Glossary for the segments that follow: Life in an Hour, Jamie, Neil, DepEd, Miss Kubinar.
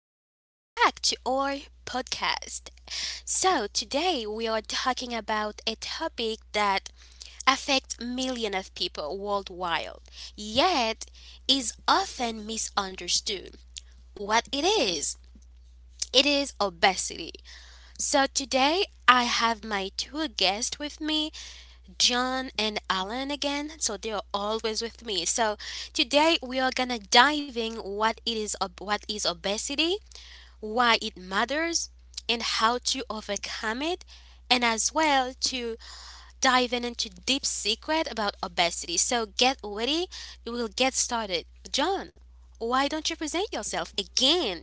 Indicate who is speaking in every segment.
Speaker 1: Welcome back to our podcast. So, today we are talking about a topic that affects millions of people worldwide, yet is often misunderstood. What it is? It is obesity. So today I have my two guests with me, John and Alan again. So they are always with me. So today we are gonna diving what is obesity, why it matters, and how to overcome it, and as well to dive in into deep secret about obesity. So get ready, we will get started. John, why don't you present yourself again?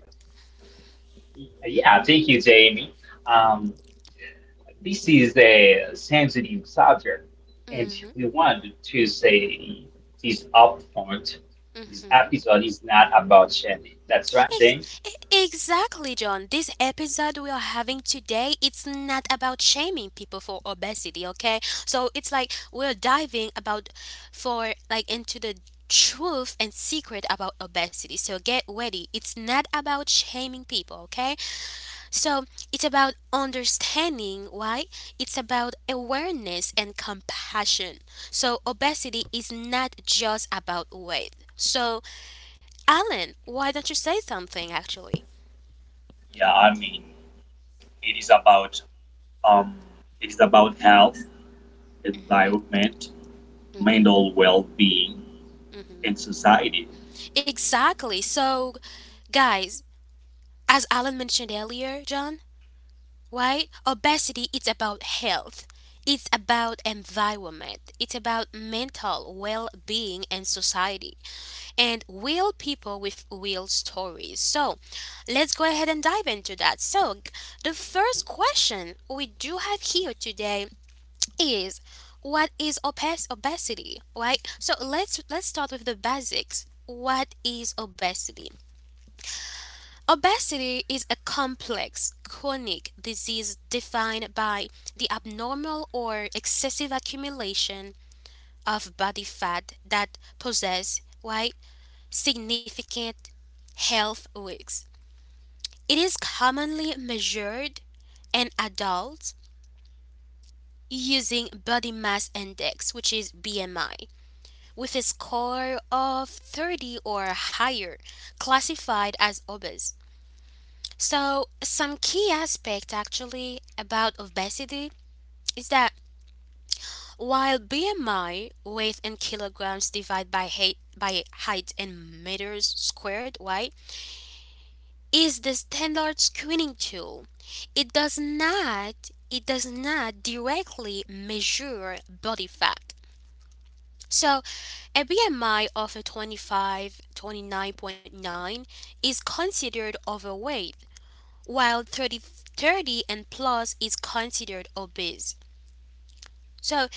Speaker 2: Yeah, thank you, Jamie. Um, this is a sensitive subject, and
Speaker 1: Hmm.
Speaker 2: we want to say this upfront. This episode is not about shaming. That's right, Jamie?
Speaker 1: Ex- exactly, John. This episode we are having today, it's not about shaming people for obesity, okay? So it's like we're diving about for like into the truth and secret about obesity. So get ready. It's not about shaming people, okay? So it's about understanding why. It's about awareness and compassion. So obesity is not just about weight. So Alan, why don't you say something actually?
Speaker 3: Yeah, I mean, it is about um, it is about health, environment, mental well-being, and society.
Speaker 1: Exactly. So, guys, as Alan mentioned earlier, John, right? Obesity it's about health. It's about environment. It's about mental well-being and society and real people with real stories. So, let's go ahead and dive into that. So, the first question we do have here today is what is obesity, right? So, let's start with the basics. What is obesity? Obesity is a complex, chronic disease defined by the abnormal or excessive accumulation of body fat that possess right, significant health risks. It is commonly measured in adults using body mass index, which is BMI, with a score of 30 or higher, classified as obese. So, some key aspect actually about obesity is that while BMI, weight in kilograms divided by height, in meters squared, right, is the standard screening tool, it does not it does not directly measure body fat. So, a BMI of a 25-29.9 is considered overweight while thirty and plus is considered obese. So it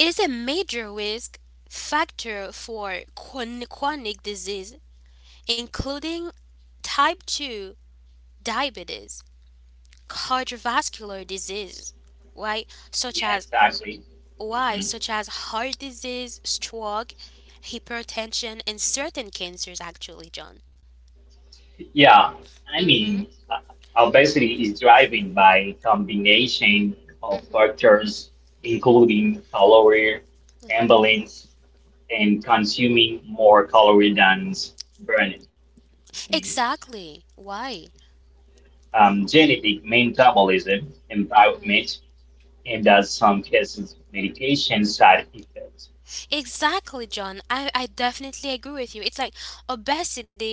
Speaker 1: is a major risk factor for chronic disease, including type 2 diabetes, cardiovascular disease, right? Such
Speaker 2: Yeah,
Speaker 1: as
Speaker 2: exactly.
Speaker 1: why?
Speaker 2: Mhm.
Speaker 1: Such as heart disease, stroke, hypertension, and certain cancers, actually, John.
Speaker 2: Yeah,
Speaker 1: Mm-hmm,
Speaker 2: obesity is driven by combination of
Speaker 1: mm-hmm.
Speaker 2: factors, including calorie imbalance and consuming more calories than burning. Mhm.
Speaker 1: Exactly. Why?
Speaker 2: Genetic metabolism
Speaker 1: Mm-hmm.
Speaker 2: environment, and as some cases, medication side effects.
Speaker 1: Exactly, John. I definitely agree with you. It's like obesity,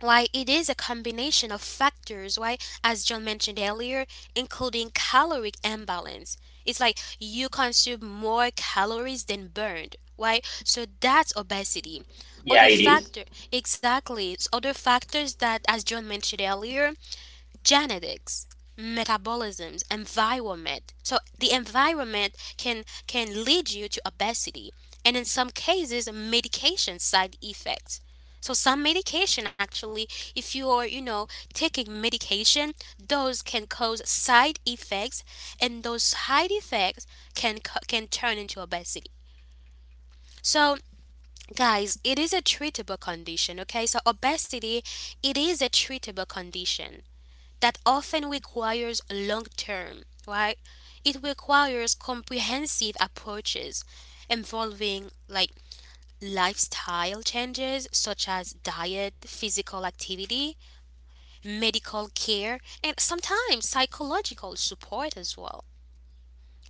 Speaker 1: why it is a combination of factors, why, as John mentioned earlier, including caloric imbalance. It's like you consume more calories than burned, why? So that's obesity.
Speaker 2: Yeah,
Speaker 1: Other
Speaker 2: it is.
Speaker 1: factor, exactly. It's other factors that, as John mentioned earlier, genetics metabolisms environment, so the environment can lead you to obesity, and in some cases medication side effects, so some medication actually, if you are, you know, taking medication, those can cause side effects, and those side effects can turn into obesity. So, guys, it is a treatable condition, okay? So obesity, it is a treatable condition that often requires long term, right? It requires comprehensive approaches involving like lifestyle changes such as diet, physical activity, medical care, and sometimes psychological support as well.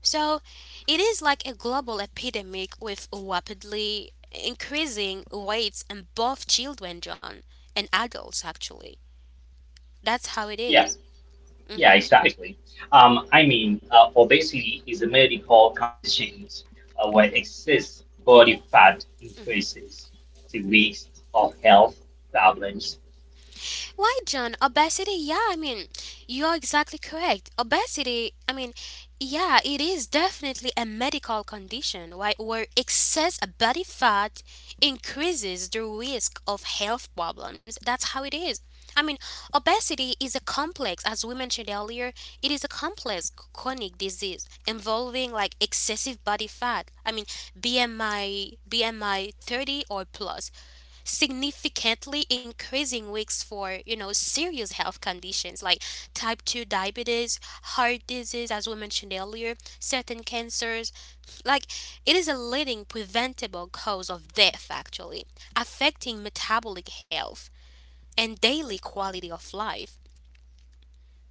Speaker 1: So it is like a global epidemic with rapidly increasing rates in both children, John, and adults actually. That's how it
Speaker 2: Yeah,
Speaker 1: is.
Speaker 2: yeah,
Speaker 1: Mm-hmm.
Speaker 2: exactly. Obesity is a medical condition where excess body fat increases the risk of health problems.
Speaker 1: Why, John? Obesity? Yeah, I mean, you're exactly correct. Obesity, I mean, yeah, it is definitely a medical condition, right? Where excess body fat increases the risk of health problems. That's how it is. I mean, obesity is a complex, as we mentioned earlier, it is a complex chronic disease involving like excessive body fat. I mean, BMI 30 or plus significantly increasing risks for, you know, serious health conditions like type 2 diabetes, heart disease, as we mentioned earlier, certain cancers. Like, it is a leading preventable cause of death actually, affecting metabolic health and daily quality of life.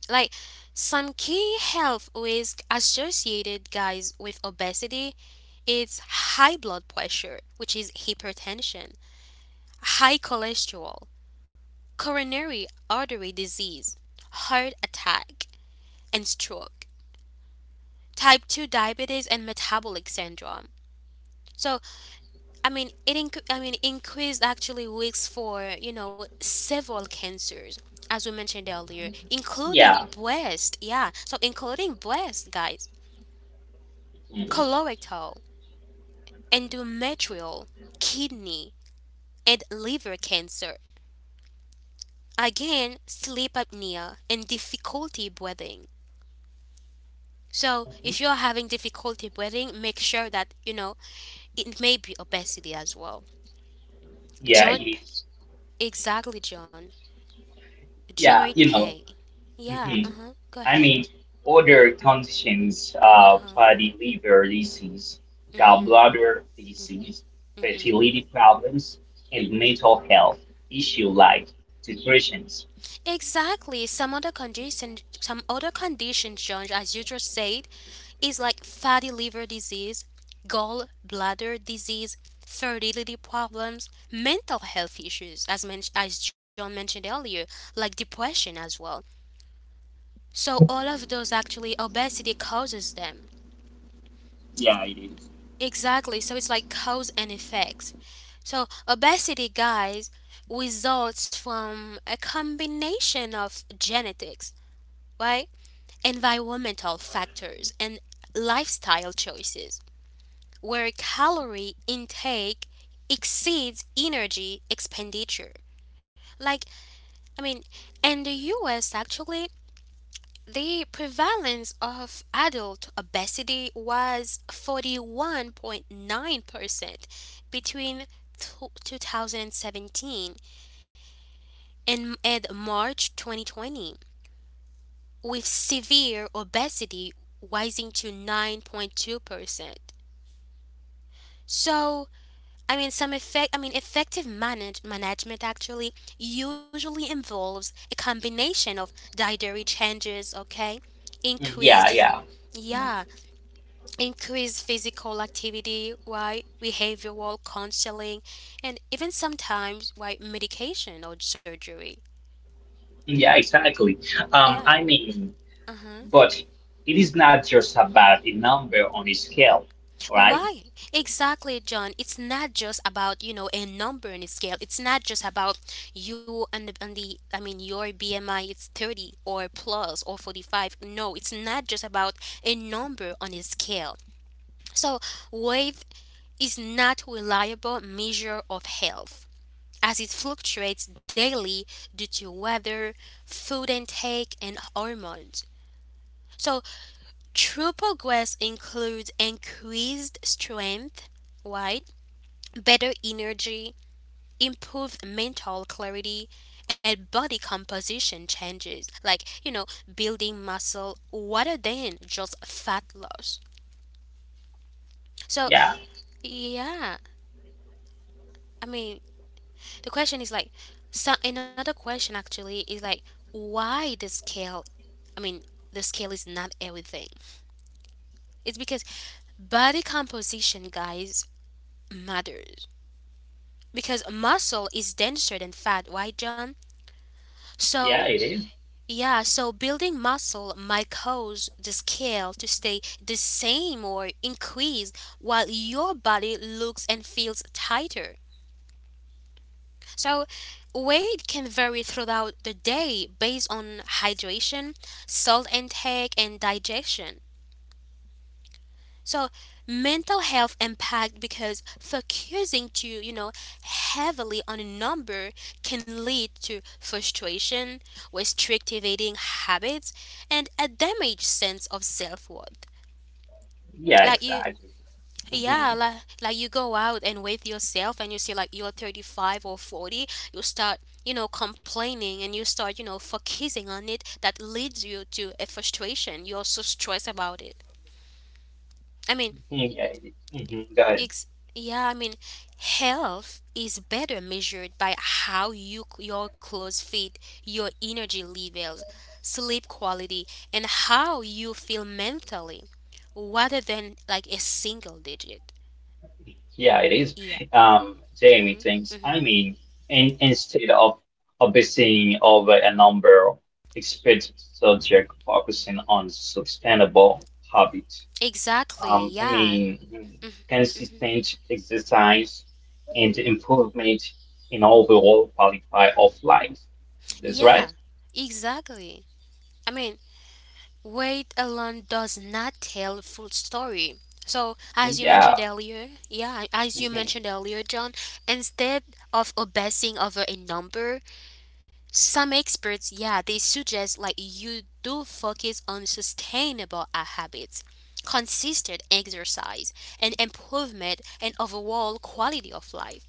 Speaker 1: Like, some key health risk associated, guys, with obesity is high blood pressure, which is hypertension, high cholesterol, coronary artery disease, heart attack, and stroke, type 2 diabetes, and metabolic syndrome. So, I mean, I mean, increased actually risks for, you know, several cancers, as we mentioned earlier, including
Speaker 2: Yeah,
Speaker 1: breast. Yeah, so including breast, guys,
Speaker 2: mm,
Speaker 1: colorectal, endometrial, kidney, and liver cancer. Again, sleep apnea and difficulty breathing. So if you're having difficulty breathing, make sure that, you know, it may be obesity as well.
Speaker 2: yeah, it
Speaker 1: Joint p-
Speaker 2: is.
Speaker 1: exactly, John.
Speaker 2: Yeah,
Speaker 1: Joint
Speaker 2: you
Speaker 1: pain.
Speaker 2: know.
Speaker 1: Yeah. Uh
Speaker 2: Mhm.
Speaker 1: huh. Go
Speaker 2: I
Speaker 1: ahead.
Speaker 2: mean, other conditions
Speaker 1: Uh huh.
Speaker 2: fatty liver disease,
Speaker 1: Mhm.
Speaker 2: gallbladder disease,
Speaker 1: Mhm.
Speaker 2: fertility problems, and mental health issue like depressions.
Speaker 1: Exactly. Some other conditions, John, as you just said, is like fatty liver disease, gallbladder disease, fertility problems, mental health issues, as John mentioned earlier, like depression as well. So all of those actually obesity causes them.
Speaker 3: Yeah, it is.
Speaker 1: Exactly. So it's like cause and effects. So obesity, guys, results from a combination of genetics, right? Environmental factors and lifestyle choices where calorie intake exceeds energy expenditure. Like, I mean, in the US actually, the prevalence of adult obesity was 41.9% between tw 2017 and March 2020, with severe obesity rising to 9.2%. So, I mean, some I mean, effective management actually usually involves a combination of dietary changes, okay?
Speaker 2: Mm, yeah,
Speaker 1: Increased,
Speaker 2: yeah, mm,
Speaker 1: yeah, increase physical activity, why behavioral counseling, and even sometimes why medication or surgery.
Speaker 2: yeah, exactly. Um,
Speaker 1: Yeah.
Speaker 2: I mean,
Speaker 1: Uh-huh.
Speaker 2: but it is not just about a number on a scale, right?
Speaker 1: Why? Exactly, John. It's not just about, you know, a number and a scale. It's not just about you and the I mean, your BMI, it's 30 or plus or 45. No, it's not just about a number on a scale. So, weight is not reliable measure of health, as it fluctuates daily due to weather, food intake, and hormones. So, true progress includes increased strength, right? Better energy, improved mental clarity, and body composition changes, like, you know, building muscle rather than just fat loss. So,
Speaker 2: Yeah,
Speaker 1: yeah, I mean, the question is like, so another question actually is like, why the scale I mean, the scale is not everything. It's because body composition, guys, matters. Because muscle is denser than fat, right, John? So,
Speaker 2: yeah, it is.
Speaker 1: yeah, so building muscle might cause the scale to stay the same or increase while your body looks and feels tighter. So, weight can vary throughout the day based on hydration, salt intake, and digestion. So mental health impact, because focusing too, you know, heavily on a number can lead to frustration, restrictive eating habits, and a damaged sense of self-worth.
Speaker 2: Yeah,
Speaker 1: Like you
Speaker 2: exactly.
Speaker 1: yeah,
Speaker 2: Hmm.
Speaker 1: like you go out and with yourself and you see like you're 35 or 40, you start, you know, complaining, and you start, you know, focusing on it, that leads you to a frustration. You're so stressed about it. I mean,
Speaker 2: Yeah, it is. Mhm. Go ahead.
Speaker 1: Ex- yeah, I mean, health is better measured by how your clothes fit, your energy levels, sleep quality, and how you feel mentally, rather than like a single digit.
Speaker 2: Yeah, it is.
Speaker 1: Yeah,
Speaker 2: Jamie thinks,
Speaker 1: hmm
Speaker 2: instead of obsessing over a number, expert subject focusing on sustainable habits.
Speaker 1: exactly.
Speaker 2: Um, I
Speaker 1: Yeah,
Speaker 2: mean, consistent exercise and improvement in overall quality of life. That's
Speaker 1: yeah,
Speaker 2: right.
Speaker 1: exactly. I mean, weight alone does not tell the full story. So, as you
Speaker 2: Yeah.
Speaker 1: mentioned earlier, yeah, as you
Speaker 2: Mhm.
Speaker 1: mentioned earlier, John, instead of obsessing over a number, some experts, yeah, they suggest like you do focus on sustainable habits, consistent exercise, and improvement in overall quality of life.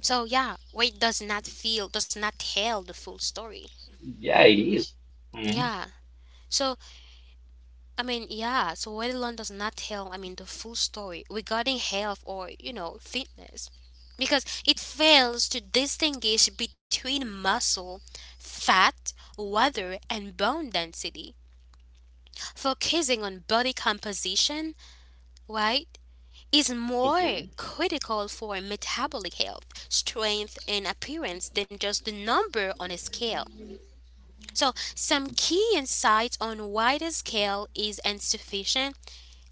Speaker 1: So, yeah, weight does not tell the full story.
Speaker 2: Yeah, it is. Mhm.
Speaker 1: Yeah. So, I mean, yeah, so weight alone does not tell, I mean, the full story regarding health or, you know, fitness. Because it fails to distinguish between muscle, fat, water, and bone density. Focusing on body composition, right, is more
Speaker 2: Mhm.
Speaker 1: critical for metabolic health, strength, and appearance than just the number on a scale. So, some key insights on why the scale is insufficient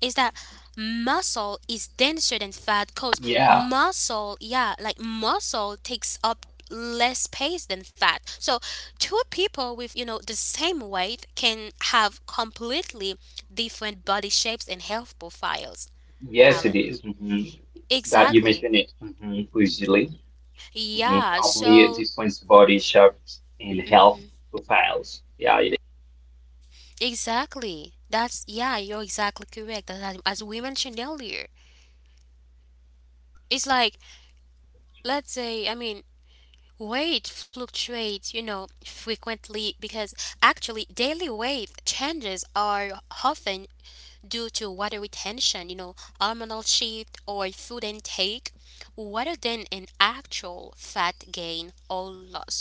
Speaker 1: is that muscle is denser than fat, because
Speaker 2: Yeah.
Speaker 1: yeah, like muscle takes up less space than fat. So two people with, you know, the same weight can have completely different body shapes and health profiles,
Speaker 2: Yes, it
Speaker 1: Alan.
Speaker 2: is. Mhm. That you
Speaker 1: Exactly.
Speaker 2: mentioned it. Mhm. Usually, mhm,
Speaker 1: Yeah,
Speaker 2: completely
Speaker 1: so
Speaker 2: different body shapes and health profiles. Yeah, it is.
Speaker 1: exactly. That's yeah, you're exactly correct. As we mentioned earlier. It's like, let's say, I mean, weight fluctuates, you know, frequently, because actually daily weight changes are often due to water retention, you know, hormonal shift or food intake, rather than an actual fat gain or loss.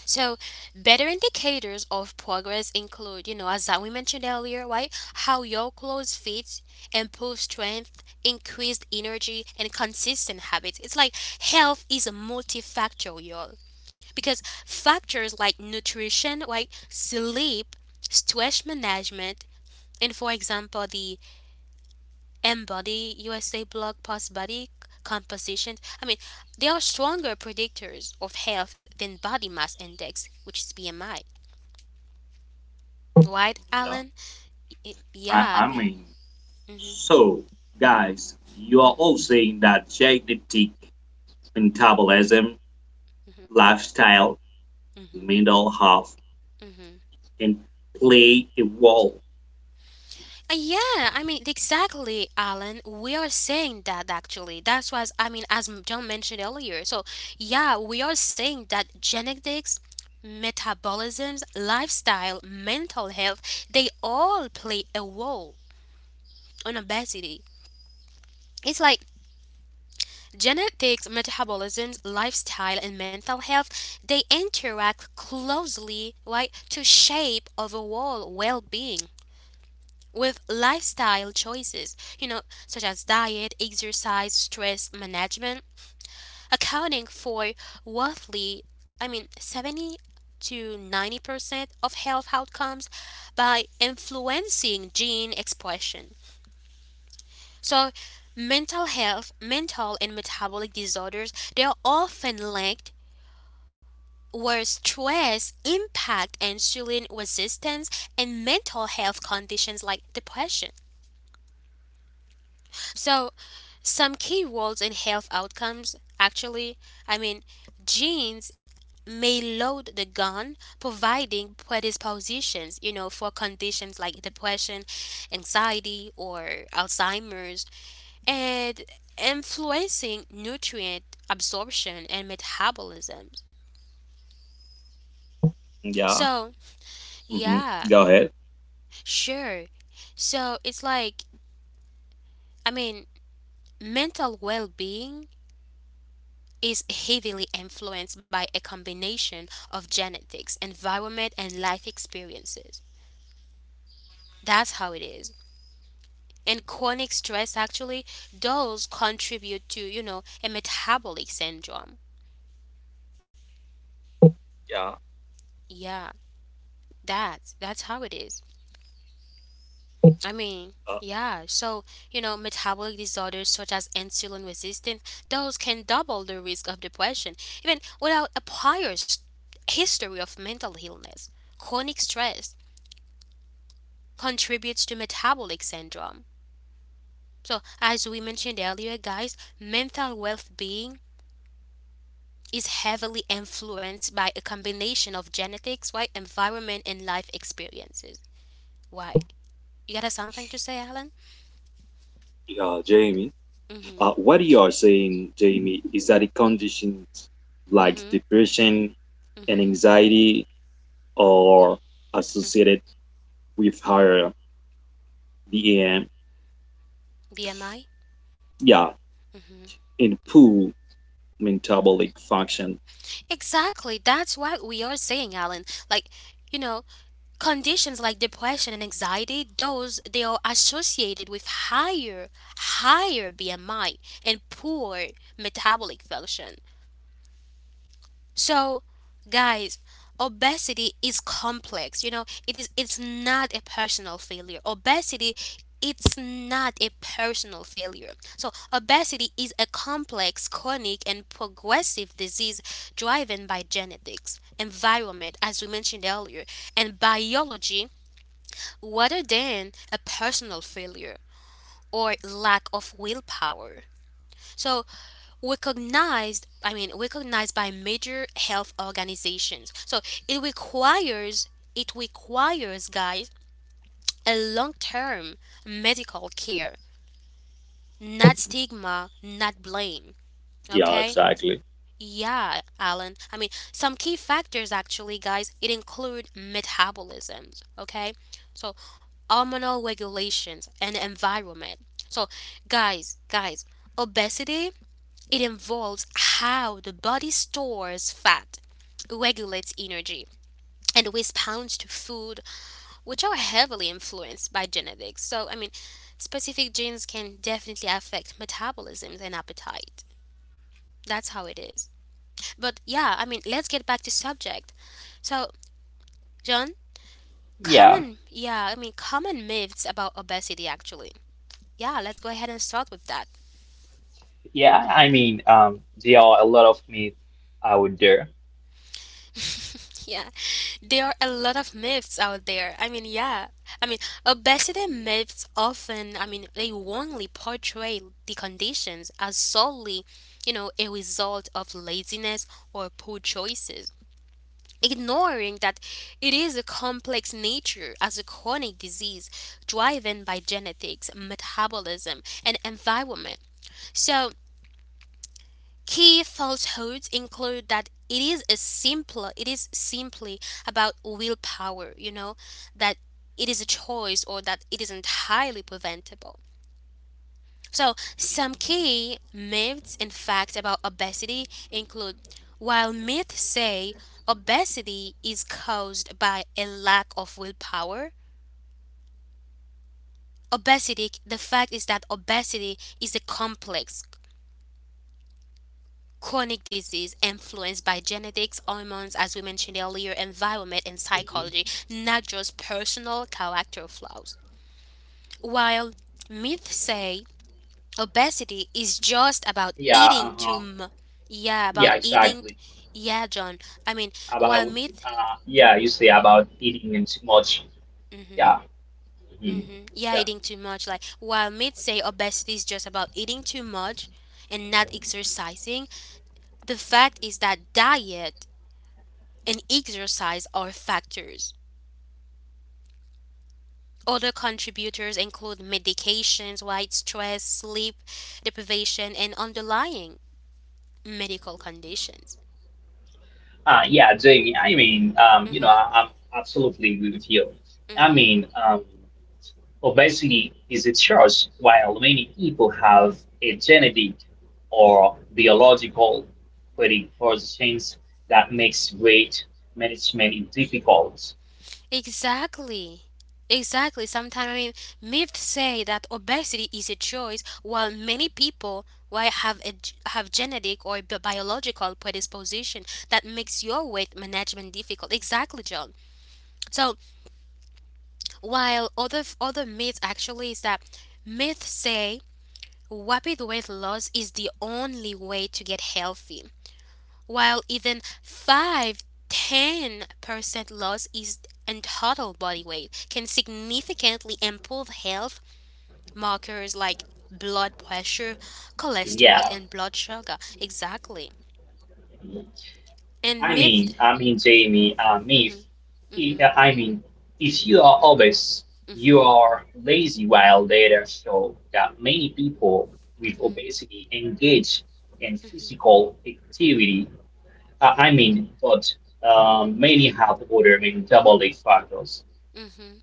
Speaker 1: So, better indicators of progress include, you know, as that we mentioned earlier, right? How your clothes fits, improve strength, increased energy, and consistent habits. It's like health is multifactorial, because factors like nutrition, like sleep, stress management, and for example, the Embody USA blog post body composition. I mean, they are stronger predictors of health than body mass index, which is BMI, right,
Speaker 3: Yeah,
Speaker 1: Alan?
Speaker 3: I,
Speaker 1: Yeah, I
Speaker 3: I
Speaker 1: mean,
Speaker 3: mean,
Speaker 1: hmm
Speaker 3: so guys, you are all saying that genetic metabolism, lifestyle,
Speaker 1: hmm
Speaker 3: mental health,
Speaker 1: hmm
Speaker 3: and play a role.
Speaker 1: yeah, I mean, exactly, Alan. We are saying that actually. That's why, I mean, as John mentioned earlier. So, yeah, we are saying that genetics, metabolisms, lifestyle, mental health, they all play a role on obesity. It's like genetics, metabolism, lifestyle, and mental health, they interact closely, right, to shape overall well being with lifestyle choices, you know, such as diet, exercise, stress management, accounting for roughly, I mean, 70 to 90% of health outcomes by influencing gene expression. So, mental and metabolic disorders, they are often linked where stress impact insulin resistance and mental health conditions like depression. So, some key roles in health outcomes actually, I mean, genes may load the gun providing predispositions for conditions like depression, anxiety, or Alzheimer's, and influencing nutrient absorption and metabolism.
Speaker 3: Yeah.
Speaker 1: So,
Speaker 3: hmm
Speaker 1: yeah,
Speaker 3: Go ahead.
Speaker 1: sure. So, it's like, I mean, mental well being is heavily influenced by a combination of genetics, environment, and life experiences. That's how it is. And chronic stress actually does contribute to, you know, a metabolic syndrome.
Speaker 3: Yeah.
Speaker 1: Yeah, that's how it is. I mean,
Speaker 3: Uh,
Speaker 1: yeah. So, you know, metabolic disorders such as insulin resistance, those can double the risk of depression, even without a prior history of mental illness. Chronic stress contributes to metabolic syndrome. So, as we mentioned earlier, guys, mental well being is heavily influenced by a combination of genetics, right, environment, and life experiences. Why? You got something to say, Alan?
Speaker 3: Yeah, Jamie.
Speaker 1: Mm hmm.
Speaker 3: What you are saying, Jamie, is that the conditions
Speaker 1: Mm
Speaker 3: like
Speaker 1: hmm.
Speaker 3: depression
Speaker 1: Mm
Speaker 3: and
Speaker 1: hmm.
Speaker 3: anxiety are associated with higher BMI,
Speaker 1: BMI?
Speaker 3: yeah, in poor metabolic function.
Speaker 1: Exactly. That's what we are saying, Alan. Like, you know, conditions like depression and anxiety, those they are associated with higher, higher BMI and poor metabolic function. So, guys, obesity is complex. You know, it's not a personal failure. Obesity, it's not a personal failure. So, obesity is a complex, chronic, and progressive disease driven by genetics, environment, as we mentioned earlier, and biology rather than a personal failure or lack of willpower. So, recognized I mean recognized by major health organizations. So, it requires it requires, guys, a long-term medical care, not stigma, not blame.
Speaker 3: Yeah,
Speaker 1: Okay.
Speaker 3: exactly.
Speaker 1: Yeah, Alan, I mean, some key factors actually, guys, it include metabolisms, okay? So, hormonal regulations and environment. So, guys, obesity, it involves how the body stores fat, regulates energy, and responds to food, which are heavily influenced by genetics. So, I mean, specific genes can definitely affect metabolism and appetite. That's how it is. But yeah, I mean, let's get back to subject. So, John,
Speaker 2: Yeah,
Speaker 1: common, yeah, I mean, common myths about obesity actually. Yeah, let's go ahead and start with that.
Speaker 2: yeah. There are a lot of myths out there.
Speaker 1: Yeah, there are a lot of myths out there. I mean, yeah. I mean, obesity myths often, I mean, they wrongly portray the conditions as solely, you know, a result of laziness or poor choices, ignoring that it is a complex nature as a chronic disease driven by genetics, metabolism, and environment. So, key falsehoods include that it is simply about willpower, you know, that it is a choice or that it is entirely preventable. So, some key myths and facts about obesity include, while myths say obesity is caused by a lack of willpower, obesity the fact is that obesity is a complex, chronic disease influenced by genetics, hormones, as we mentioned earlier, environment, and
Speaker 2: Mhm.
Speaker 1: psychology, not just personal character flaws. While myths say obesity is just about
Speaker 2: Yeah,
Speaker 1: eating too
Speaker 2: uh-huh.
Speaker 1: much, yeah, about
Speaker 2: Yeah,
Speaker 1: eating,
Speaker 2: exactly.
Speaker 1: yeah, John. I mean, while
Speaker 2: About
Speaker 1: myth,
Speaker 2: yeah, you say about eating and too much.
Speaker 1: hmm
Speaker 2: Yeah,
Speaker 1: hmm
Speaker 2: mhm.
Speaker 1: yeah,
Speaker 2: Yeah.
Speaker 1: eating too much, like, while myths say obesity is just about eating too much and not exercising, the fact is that diet and exercise are factors. Other contributors include medications, white stress, sleep deprivation, and underlying medical conditions.
Speaker 2: Yeah, Jamie.
Speaker 1: Mm-hmm.
Speaker 2: I'm absolutely agree with you. I
Speaker 1: Mm-hmm.
Speaker 2: mean, um. Obesity is a choice, while many people have a genetic or biological predispositions that makes weight management difficult.
Speaker 1: Exactly. Exactly. Sometimes, I mean, myths say that obesity is a choice, while many people, why have a, g- have genetic or biological predisposition that makes your weight management difficult. Exactly, John. So, while other other myths actually is that myths say rapid weight loss is the only way to get healthy, while even 5-10% loss is in total body weight can significantly improve health markers like blood pressure, cholesterol,
Speaker 2: Yeah,
Speaker 1: and blood sugar. Exactly. And myth.
Speaker 2: Jamie, if
Speaker 1: Mhm, mhm,
Speaker 2: I mean, if you are obese, you are lazy. While data show that many people with
Speaker 1: mhm,
Speaker 2: obesity engage in physical activity but many have ordered, double factors.
Speaker 1: mhm.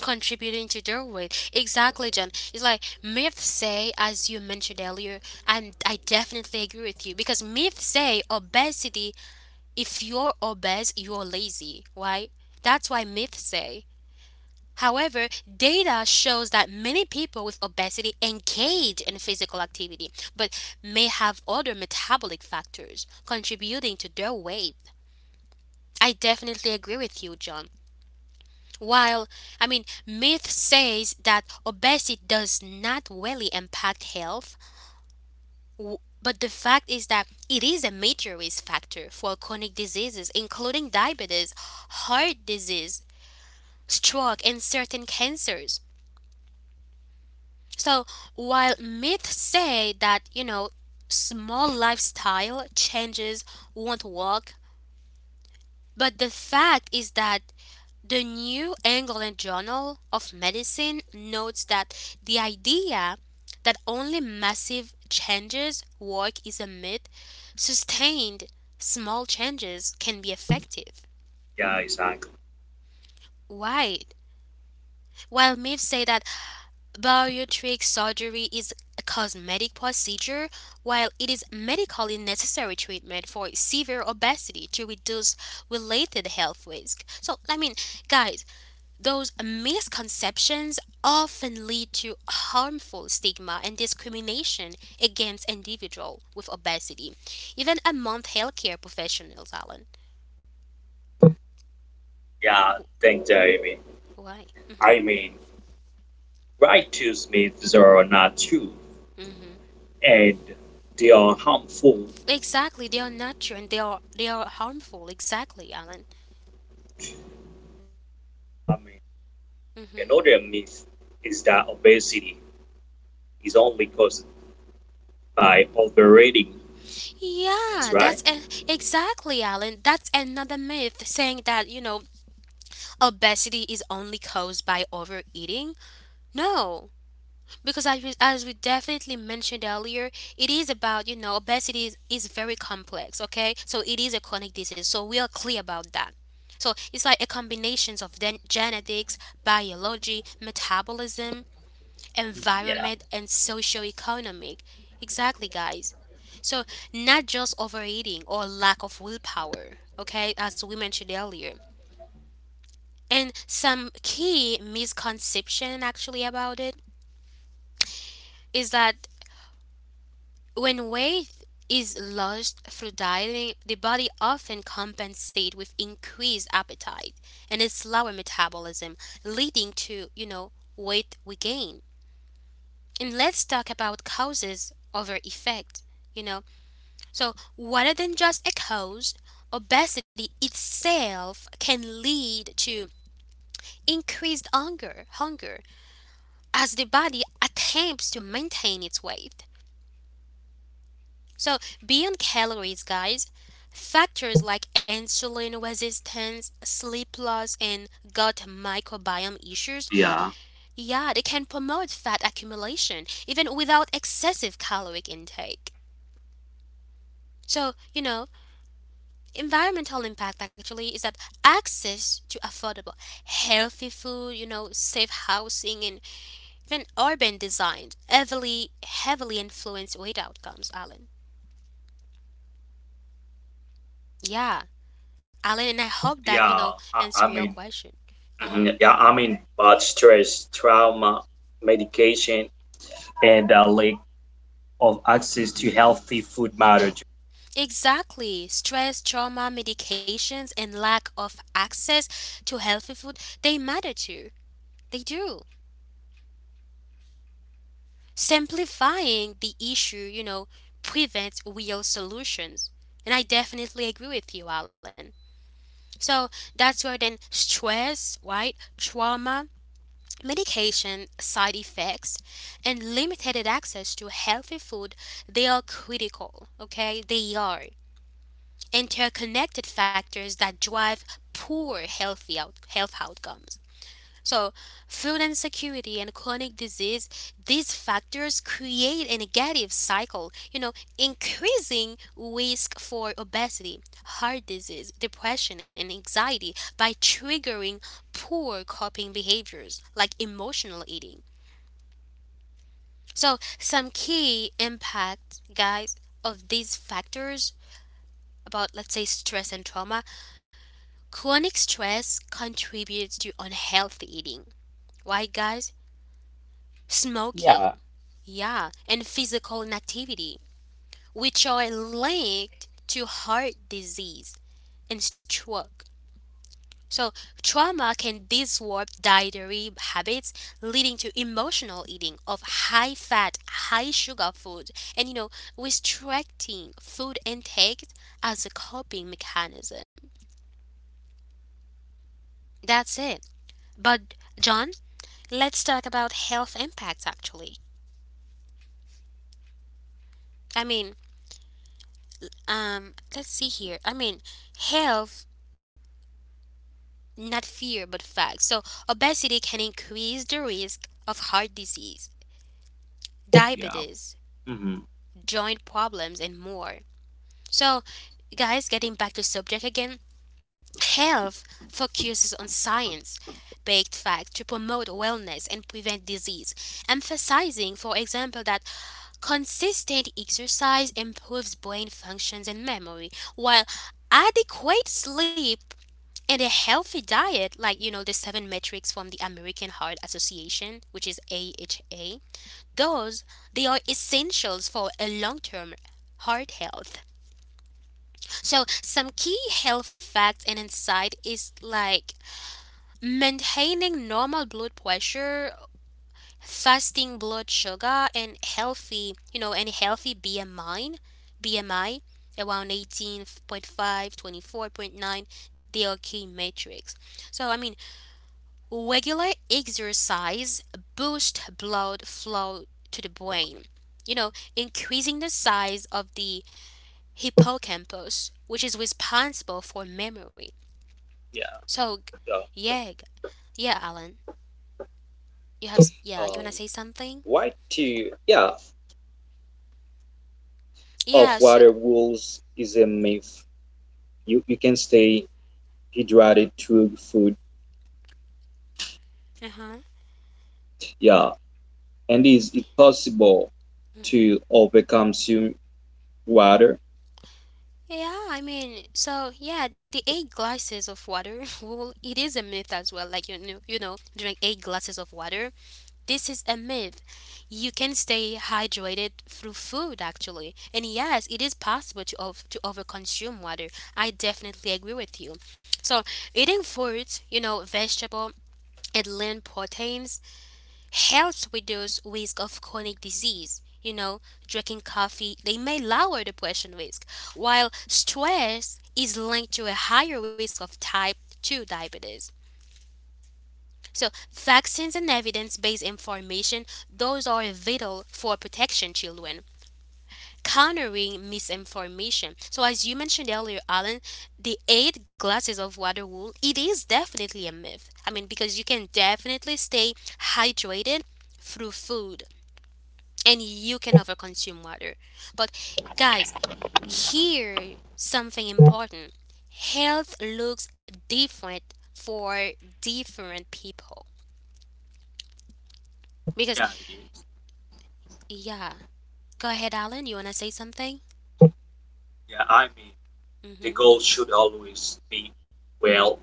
Speaker 1: Contributing to their weight. Exactly, John. It's like, myths say, as you mentioned earlier, and I definitely agree with you, because myths say obesity, if you're obese, you're lazy, right? That's why myths say. However, data shows that many people with obesity engage in physical activity but may have other metabolic factors contributing to their weight. I definitely agree with you, John. While, I mean, myth says that obesity does not really impact health, w- but the fact is that it is a major risk factor for chronic diseases, including diabetes, heart disease, stroke, and certain cancers. So, while myths say that, you know, small lifestyle changes won't work, but the fact is that the New England Journal of Medicine notes that the idea that only massive changes work is a myth. Sustained small changes can be effective.
Speaker 3: Yeah, exactly.
Speaker 1: Why? While myths say that bariatric surgery is a cosmetic procedure, while it is medically necessary treatment for severe obesity to reduce related health risk. So, I mean, guys, those misconceptions often lead to harmful stigma and discrimination against individuals with obesity, even among healthcare professionals, Alan.
Speaker 3: Yeah,
Speaker 1: W-
Speaker 3: thank Jamie.
Speaker 1: Why?
Speaker 3: I mean, right? Righteous myths are not true
Speaker 1: Hmm.
Speaker 3: and they are harmful.
Speaker 1: Exactly, they are not true and they are harmful. Exactly, Alan.
Speaker 3: I mean,
Speaker 1: Mm-hmm.
Speaker 3: another myth is that obesity is only caused by overeating. That's
Speaker 1: Yeah,
Speaker 3: right.
Speaker 1: exactly, Alan. That's another myth saying that, you know, obesity is only caused by overeating. No, because as we definitely mentioned earlier, it is about, you know, obesity is very complex, okay? So, it is a chronic disease. So, we are clear about that. So, it's like a combination of genetics, biology, metabolism,
Speaker 2: Mhm. Yeah,
Speaker 1: environment, and socioeconomic. Exactly, guys. So, not just overeating or lack of willpower, okay, as we mentioned earlier. And some key misconception actually about it is that when weight is lost through dieting, the body often compensates with increased appetite and a slower metabolism, leading to, you know, weight regain. And let's talk about causes over effect. You know, so, rather than just a cause, obesity itself can lead to increased hunger as the body attempts to maintain its weight. So, beyond calories, guys, factors like insulin resistance, sleep loss, and gut microbiome issues,
Speaker 3: Yeah.
Speaker 1: yeah, they can promote fat accumulation even without excessive caloric intake. So, you know, environmental impact actually is that access to affordable, healthy food, you know, safe housing, and even urban design heavily influence weight outcomes, Alan. Yeah, Alan, and I hope that, you know,
Speaker 3: Yeah, I,
Speaker 1: answer your
Speaker 3: I mean,
Speaker 1: question. Uh-huh.
Speaker 3: yeah, I mean, but stress, trauma, medication, and a lack of access to healthy food matter.
Speaker 1: Exactly. Stress, trauma, medications, and lack of access to healthy food, they matter too. They do. Simplifying the issue, you know, prevents real solutions. And I definitely agree with you, Alan. So, that's where then stress, right? Trauma, medication, side effects, and limited access to healthy food, they are critical, okay? They are interconnected factors that drive poor health outcomes. So, food insecurity and chronic disease, these factors create a negative cycle, you know, increasing risk for obesity, heart disease, depression, and anxiety by triggering poor coping behaviors like emotional eating. So, some key impact, guys, of these factors about, let's say, stress and trauma. Chronic stress contributes to unhealthy eating. Why, guys?
Speaker 2: yeah,
Speaker 1: Smoking, yeah, and physical inactivity, which are linked to heart disease and stroke. So, trauma can disrupt dietary habits, leading to emotional eating of high fat, high sugar food, and, you know, restricting food intake as a coping mechanism. That's it. But, John, let's talk about health impacts actually. I mean, let's see here. I mean, health, not fear, but facts. So, obesity can increase the risk of heart disease,
Speaker 3: Yeah.
Speaker 1: diabetes,
Speaker 3: hmm
Speaker 1: joint problems, and more. So, guys, getting back to subject again, health focuses on science based facts to promote wellness and prevent disease, emphasizing, for example, that consistent exercise improves brain functions and memory, while adequate sleep and a healthy diet, like, you know, the seven metrics from the American Heart Association, which is AHA, those they are essentials for a long-term heart health. So, some key health facts and insight is like maintaining normal blood pressure, fasting blood sugar, and healthy, you know, and healthy BMI around 18.5, 24.9. They are key metrics. So, I mean, regular exercise boosts blood flow to the brain, you know, increasing the size of the hippocampus, which is responsible for memory.
Speaker 3: Yeah.
Speaker 1: So,
Speaker 3: yeah.
Speaker 1: yeah, g- yeah, Alan, you have, yeah, you wanna
Speaker 3: Um,
Speaker 1: say something?
Speaker 3: why to of
Speaker 1: Yeah, so,
Speaker 3: water rules is a myth. You can stay hydrated through food.
Speaker 1: uh huh.
Speaker 3: Yeah, and is it possible to overconsume water?
Speaker 1: Yeah, I mean, so yeah, the eight glasses of water rule, it is a myth as well. Like, you know, drink eight glasses of water. This is a myth. You can stay hydrated through food, actually. And yes, it is possible to overconsume water. I definitely agree with you. So, eating fruits, you know, vegetable and lean proteins helps reduce risk of chronic disease. You know, drinking coffee, they may lower depression risk, while stress is linked to a higher risk of type 2 diabetes. So, vaccines and evidence based information, those are vital for protection children. Countering misinformation. So, as you mentioned earlier, Alan, the eight glasses of water rule, it is definitely a myth. I mean, because you can definitely stay hydrated through food and you can overconsume water. But, guys, here something important health looks different for different people because
Speaker 3: Yeah, it is.
Speaker 1: yeah. Go ahead, Alan. You want to say something?
Speaker 3: Yeah, I mean, the
Speaker 1: Mm-hmm.
Speaker 3: goal should always be well.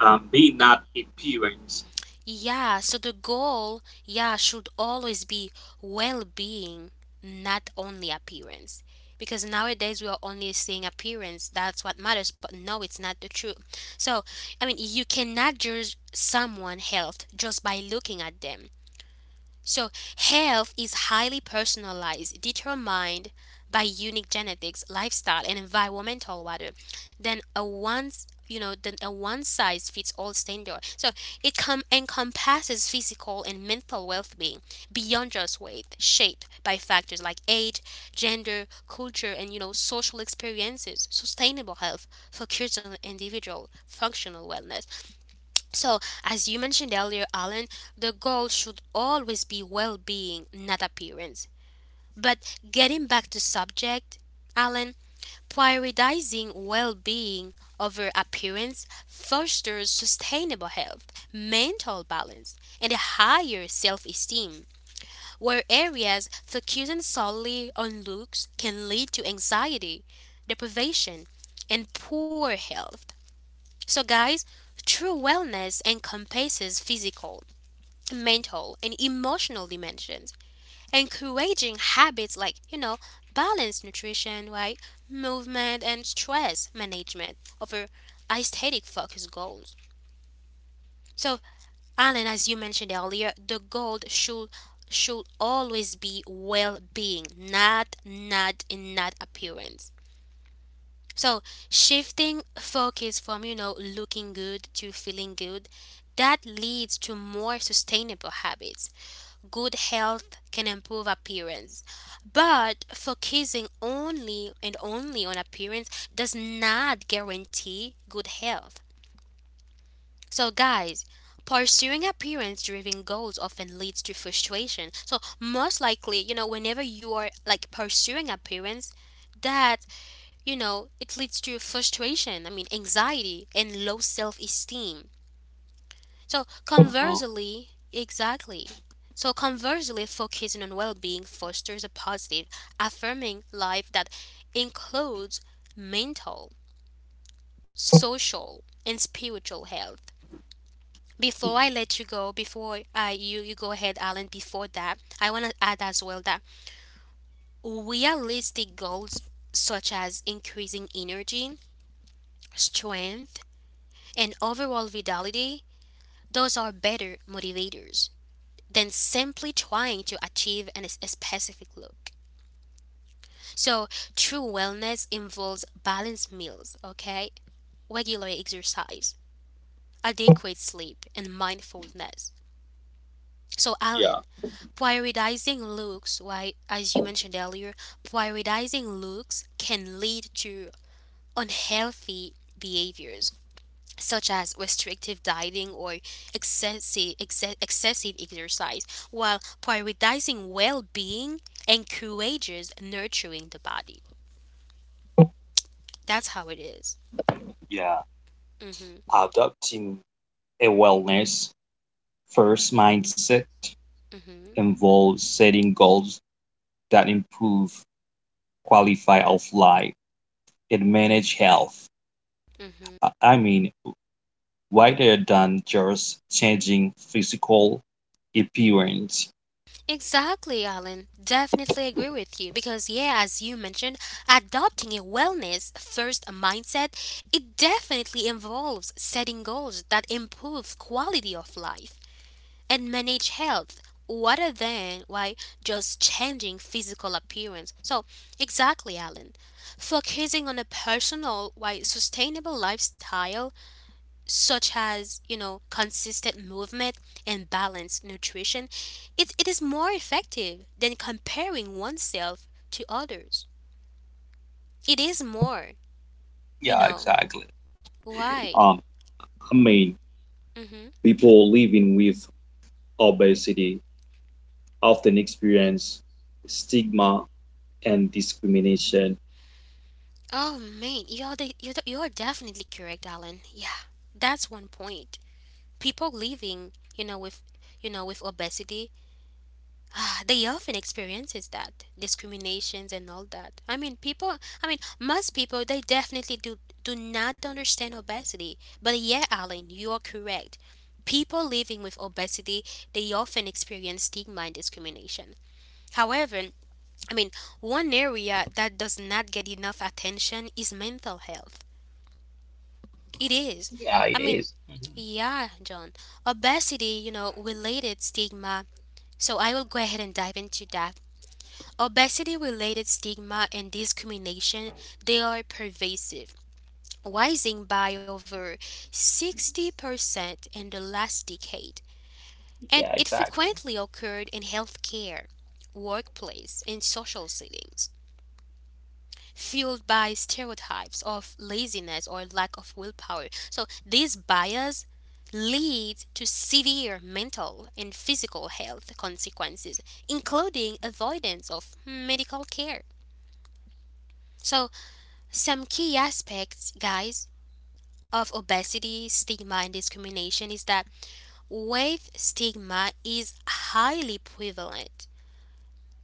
Speaker 3: being not appearance.
Speaker 1: Yeah. So the goal, yeah, should always be well being, not only appearance. Because nowadays we are only seeing appearance. That's what matters. But no, it's not the truth. So, I mean, you cannot judge someone' health just by looking at them. So, health is highly personalized, determined by unique genetics, lifestyle, and environmental water than a one's than a one size fits all standard. So encompasses physical and mental well being beyond just weight, shaped by factors like age, gender, culture, and social experiences. Sustainable health focuses on individual functional wellness, so, as you mentioned earlier, Alan, the goal should always be well being, not appearance. But getting back to subject, Alan, prioritizing well being over appearance fosters sustainable health, mental balance, and a higher self esteem, where areas focusing solely on looks can lead to anxiety, deprivation, and poor health. So, guys, true wellness encompasses physical, mental, and emotional dimensions, encouraging habits like, balanced nutrition, right? Movement and stress management over aesthetic focused goals. So, Alan, as you mentioned earlier, the goal should always be well-being, not appearance. So shifting focus from, looking good to feeling good, that leads to more sustainable habits. Good health can improve appearance. But focusing only and only on appearance does not guarantee good health. So guys, pursuing appearance driven goals often leads to frustration. So most likely, whenever you are like pursuing appearance, that it leads to frustration, I mean, anxiety, and low self esteem. So,
Speaker 3: Uh-huh.
Speaker 1: conversely, exactly. So, conversely, focusing on well being fosters a positive, affirming life that includes mental, social, and spiritual health. Before I let you go, before you go ahead, Alan, before that, I want to add as well that realistic goals such as increasing energy, strength, and overall vitality, those are better motivators than simply trying to achieve a specific look. So, true wellness involves balanced meals, okay? Regular exercise, adequate sleep, and mindfulness. So,
Speaker 3: yeah,
Speaker 1: Alan, prioritizing looks, right, as you mentioned earlier, prioritizing looks can lead to unhealthy behaviors such as restrictive dieting or excessive exercise, while prioritizing well being encourages nurturing the body. That's how it is.
Speaker 3: Yeah.
Speaker 1: Mm-hmm.
Speaker 3: Adopting a wellness first mindset involves setting goals that improve quality of life and manage health.
Speaker 1: Mm-hmm.
Speaker 3: I- I mean, Wider than just changing physical appearance.
Speaker 1: Exactly, Alan. Definitely agree with you because, yeah, as you mentioned, adopting a wellness first mindset, it definitely involves setting goals that improve quality of life and manage health rather than why just changing physical appearance. So, exactly, Alan. Focusing on a personal, why sustainable lifestyle such as consistent movement and balanced nutrition, it is more effective than comparing oneself to others. It is more, you
Speaker 3: Yeah,
Speaker 1: know
Speaker 3: exactly.
Speaker 1: why.
Speaker 3: Um, I mean,
Speaker 1: Mm-hmm.
Speaker 3: People living with obesity often experience stigma and discrimination.
Speaker 1: Oh man, you're definitely correct, Alan. Yeah, that's one point. People living, with obesity, ah, they often experiences that discriminations and all that. I mean people, I mean most people, they definitely do not understand obesity. But yeah, Alan, you are correct. People living with obesity, they often experience stigma and discrimination. However, I mean, one area that does not get enough attention is mental health. It is.
Speaker 2: yeah,
Speaker 1: I
Speaker 2: it
Speaker 1: mean,
Speaker 2: is. Mhm.
Speaker 1: yeah, John, obesity, related stigma. So I will go ahead and dive into that. Obesity related stigma and discrimination, they are pervasive, rising by over 60% in the last decade, and
Speaker 2: Yeah,
Speaker 1: it
Speaker 2: exactly.
Speaker 1: frequently occurred in healthcare, workplace, and social settings, fueled by stereotypes of laziness or lack of willpower. So these bias lead to severe mental and physical health consequences, including avoidance of medical care. So some key aspects, guys, of obesity, stigma, and discrimination is that weight stigma is highly prevalent,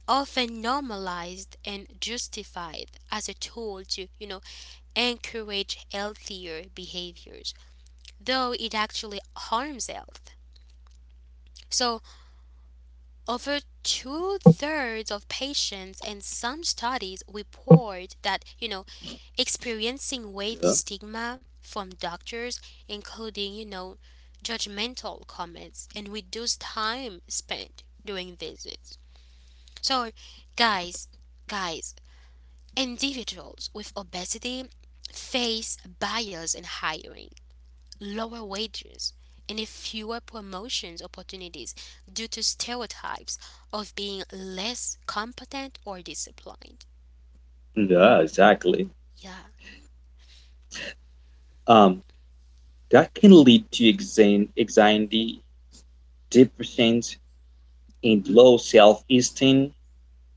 Speaker 1: often normalized and justified as a tool to, encourage healthier behaviors, though it actually harms health. So, over two-thirds of patients in some studies report that, experiencing weight
Speaker 3: Yeah,
Speaker 1: stigma from doctors, including, judgmental comments and reduced time spent during visits. So, guys, guys, individuals with obesity face bias in hiring, lower wages, and a fewer promotions opportunities due to stereotypes of being less competent or disciplined.
Speaker 3: yeah, exactly.
Speaker 1: Yeah.
Speaker 3: Um, that can lead to anxiety, depression, and low self-esteem.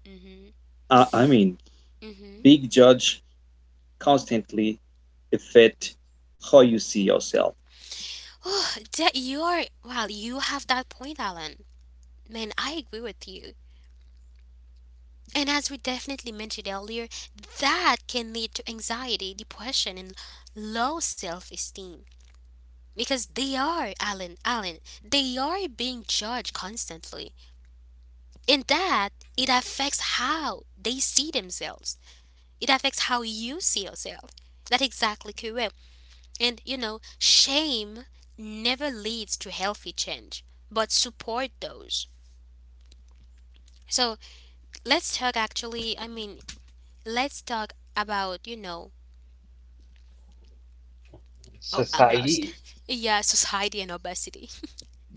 Speaker 1: Mhm.
Speaker 3: Uh, I mean,
Speaker 1: Mhm.
Speaker 3: Big judge constantly affect how you see yourself.
Speaker 1: Oh, that you are. Well, you have that point, Alan. Man, I agree with you. And as we definitely mentioned earlier, that can lead to anxiety, depression, and low self-esteem because they are, Alan, they are being judged constantly. And that it affects how they see themselves. It affects how you see yourself. That's exactly correct. And shame never leads to healthy change, but support those. So let's talk actually, I mean, let's talk about, oh, I'm lost.
Speaker 2: Society,
Speaker 1: Yeah, society and obesity.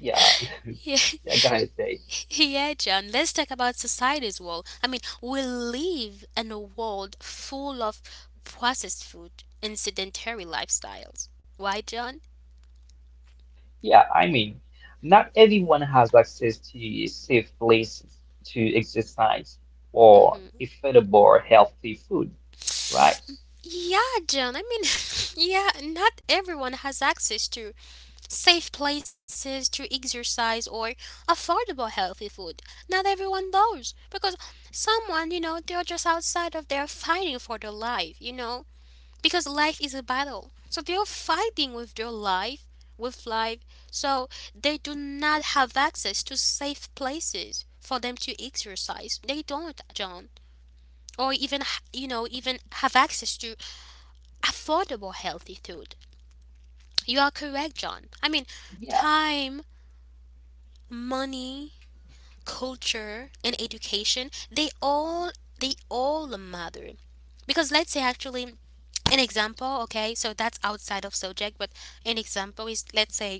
Speaker 2: yeah,
Speaker 1: Yeah.
Speaker 2: I gotta say.
Speaker 1: Yeah, John, let's talk about society's world. I mean, we live in a world full of processed food and sedentary lifestyles. Why, John?
Speaker 2: Yeah, not everyone has access to safe places to exercise or affordable, healthy food, right?
Speaker 1: Yeah, John. I mean, yeah, not everyone has access to safe places to exercise or affordable healthy food. Not everyone bows because someone, they're just outside of their fighting for their life, Because life is a battle. So they're fighting with their life, with life. So they do not have access to safe places for them to exercise. They don't, John, or even have access to affordable healthy food. You are correct, John. I mean,
Speaker 2: Yeah,
Speaker 1: time, money, culture and education, they all matter, because let's say actually an example, okay, so that's outside of subject, but an example is let's say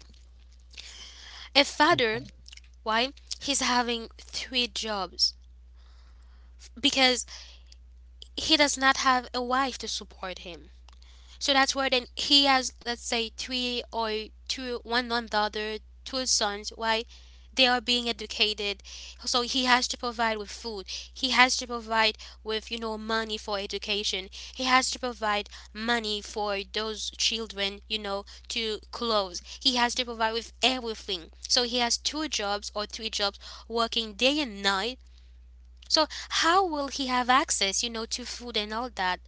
Speaker 1: a father,
Speaker 2: mhm.
Speaker 1: why, he's having three jobs because he does not have a wife to support him. So that's where then he has, let's say, three or two, one another, two sons, right? They are being educated. So he has to provide with food. He has to provide with, money for education. He has to provide money for those children, to clothes. He has to provide with everything. So he has two jobs or three jobs working day and night. So how will he have access, to food and all that?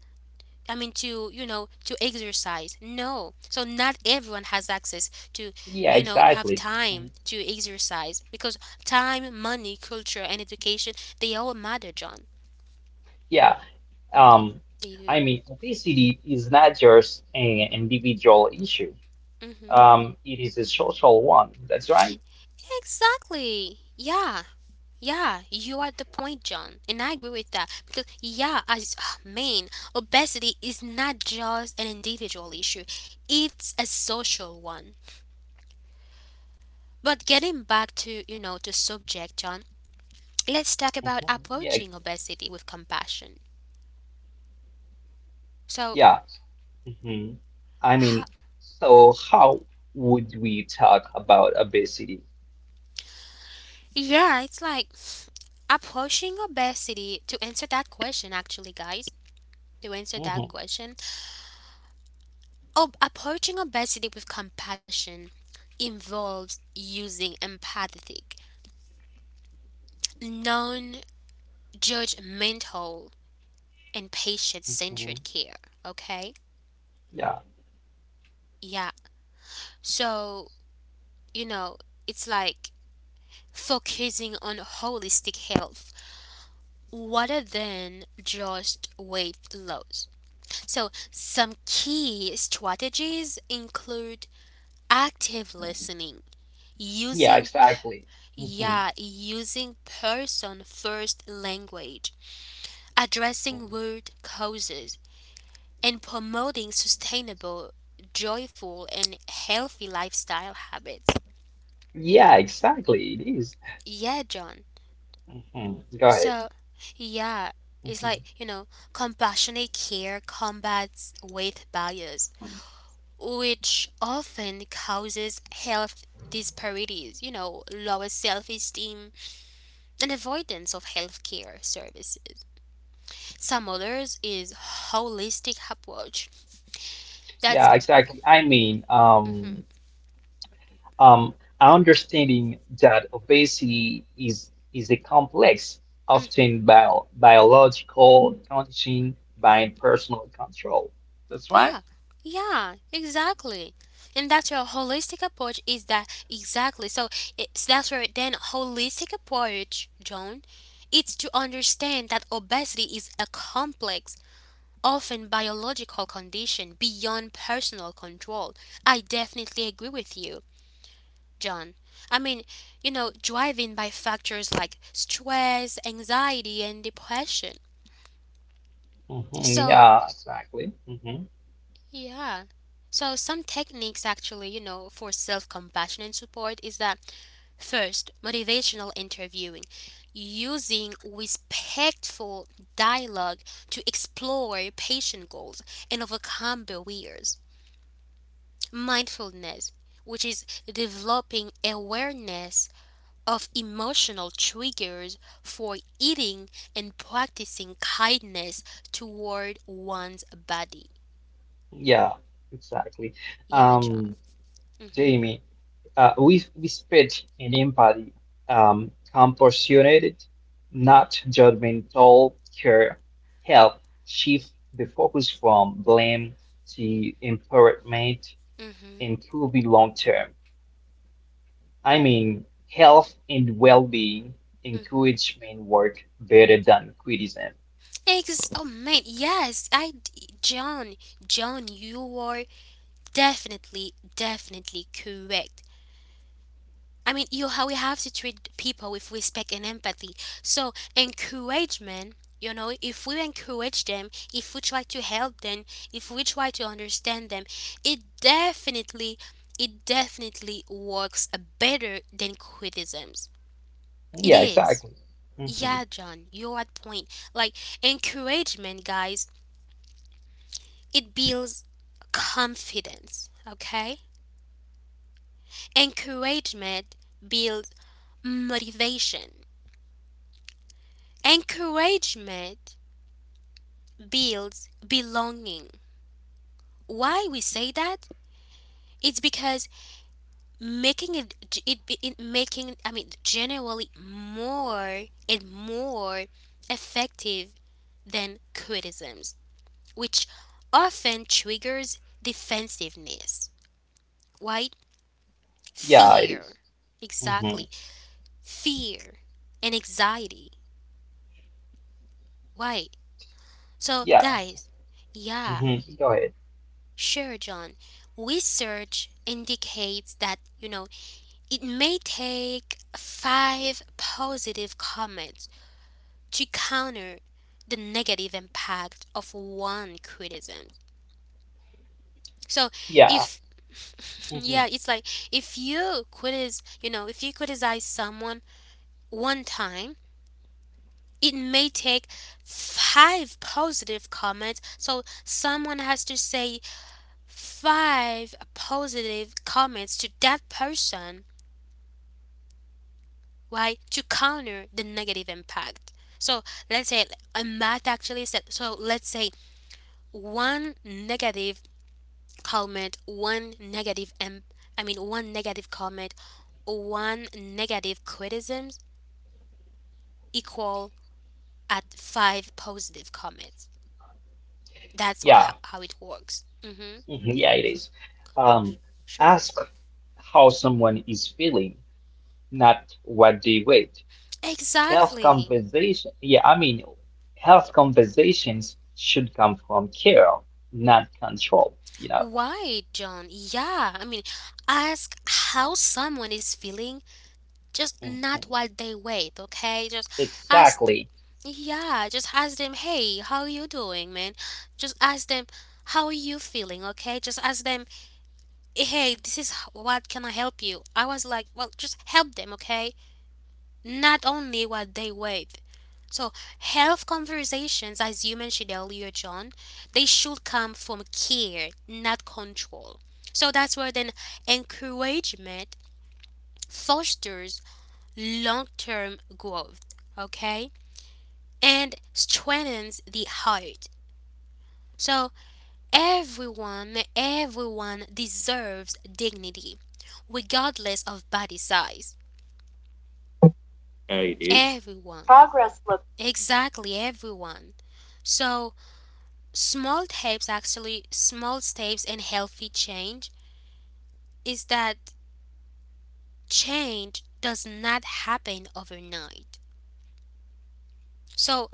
Speaker 1: I mean to to exercise. No. So not everyone has access to,
Speaker 2: Yeah,
Speaker 1: have
Speaker 2: exactly.
Speaker 1: time
Speaker 2: Mhm.
Speaker 1: to exercise because time, money, culture and education, they all matter, John.
Speaker 2: Yeah, Um,
Speaker 1: They do.
Speaker 2: obesity is not just an individual issue.
Speaker 1: Mhm.
Speaker 2: It is a social one. That's right.
Speaker 1: Exactly. Yeah. Yeah, you are at the point, John, and I agree with that because yeah, man, obesity is not just an individual issue; it's a social one. But getting back to the subject, John, let's talk about
Speaker 2: Mhm. Yeah,
Speaker 1: approaching obesity with compassion. So,
Speaker 2: yeah. Hmm. I mean,
Speaker 1: ho-
Speaker 2: so how would we talk about obesity?
Speaker 1: yeah, it's like approaching obesity to answer that question, actually, guys. To answer that
Speaker 2: Hmm.
Speaker 1: question, approaching obesity with compassion involves using empathetic, non judgmental, and patient
Speaker 2: Hmm.
Speaker 1: centered care. Okay?
Speaker 2: Yeah,
Speaker 1: Yeah. So, you know, it's like focusing on holistic health rather than just weight loss. So, some key strategies include active listening,
Speaker 2: yeah,
Speaker 1: using p-
Speaker 2: exactly. Hmm.
Speaker 1: yeah, using person first language, addressing root causes, and promoting sustainable, joyful and healthy lifestyle habits.
Speaker 2: Yeah, exactly. It is.
Speaker 1: Yeah, John.
Speaker 2: Mhm. Go ahead.
Speaker 1: So, yeah,
Speaker 2: Mhm.
Speaker 1: it's like, compassionate care combats weight bias which often causes health disparities, lower self esteem, and avoidance of healthcare services. Some others is holistic approach. That's
Speaker 2: Yeah, exactly.
Speaker 1: mhm,
Speaker 2: Um, understanding that obesity is a complex,
Speaker 1: mhm,
Speaker 2: often biological condition by personal control. That's right.
Speaker 1: yeah, yeah, exactly. And that's your holistic approach is that exactly. So it's that's where then holistic approach, John, it's to understand that obesity is a complex, often biological condition beyond personal control. I definitely agree with you, John. I mean, driven by factors like stress, anxiety, and depression.
Speaker 2: Mhm.
Speaker 1: So,
Speaker 2: Yeah, exactly. Hmm.
Speaker 1: yeah. So, some techniques actually, for self compassion and support is that first, motivational interviewing, using respectful dialogue to explore patient goals and overcome barriers. Mindfulness, which is developing awareness of emotional triggers for eating and practicing kindness toward one's body.
Speaker 2: Yeah, exactly.
Speaker 1: Yeah,
Speaker 2: Um,
Speaker 1: John. Mhm.
Speaker 2: Jamie. We speak in empathy, compassionate, not judgmental care, help shift the focus from blame to empowerment,
Speaker 1: Mhm.
Speaker 2: improving long term. Health and well being,
Speaker 1: Mhm.
Speaker 2: encouragement work better than criticism.
Speaker 1: Oh man, yes, I John, you are definitely correct. I mean, you how we have to treat people with respect and empathy. So encouragement, if we encourage them, if we try to help them, if we try to understand them, it definitely, it definitely works better than criticisms. It
Speaker 2: Yeah,
Speaker 1: is.
Speaker 2: exactly. Hmm.
Speaker 1: Yeah, John, you're at point. Like encouragement, guys, it builds confidence. Okay, encouragement builds motivation. Encouragement builds belonging. Why we say that? It's because making it, it, it making, I mean, generally more and more effective than criticisms, which often triggers defensiveness, right?
Speaker 2: Yeah, it
Speaker 1: Fear,
Speaker 2: is. Hmm.
Speaker 1: exactly, fear and anxiety. Why? So
Speaker 2: Yeah.
Speaker 1: guys, yeah,
Speaker 2: Hmm. Go ahead.
Speaker 1: sure, John. Research indicates that, it may take five positive comments to counter the negative impact of one criticism. So,
Speaker 2: Yeah.
Speaker 1: if yeah,
Speaker 2: Mm-hmm.
Speaker 1: it's like if you criticize, if you criticize someone one time, it may take five positive comments. So someone has to say five positive comments to that person, right, to counter the negative impact. So let's say a math actually said, so let's say one negative comment, one negative, imp- I mean, one negative comment, one negative criticism equal at five positive comments. That's what how,
Speaker 2: Yeah.
Speaker 1: how it works. Hmm
Speaker 2: Mhm. Yeah, it is. Um,
Speaker 1: Sure.
Speaker 2: ask how someone is feeling, not what they rate. Health
Speaker 1: Exactly.
Speaker 2: conversation, health conversations should come from care, not control, you know.
Speaker 1: Why, John? Yeah, I mean, ask how someone is feeling, just not
Speaker 2: Mhm.
Speaker 1: what they wait, okay? Just ask,
Speaker 2: Exactly.
Speaker 1: yeah, just ask them, hey, how you doing, man? Just ask them, how are you feeling, okay? Just ask them, hey, what can I help you? I was like, well, just help them, okay? Not only what they wait. So, health conversations, as you mentioned earlier, John, they should come from care, not control. So, that's where then encouragement fosters long term growth, okay? And strengthens the heart. So, everyone deserves dignity, regardless of body size.
Speaker 3: Yeah, it is.
Speaker 1: Everyone.
Speaker 3: Progress looks.
Speaker 1: Exactly, everyone. So, small steps in healthy change is that change does not happen overnight, so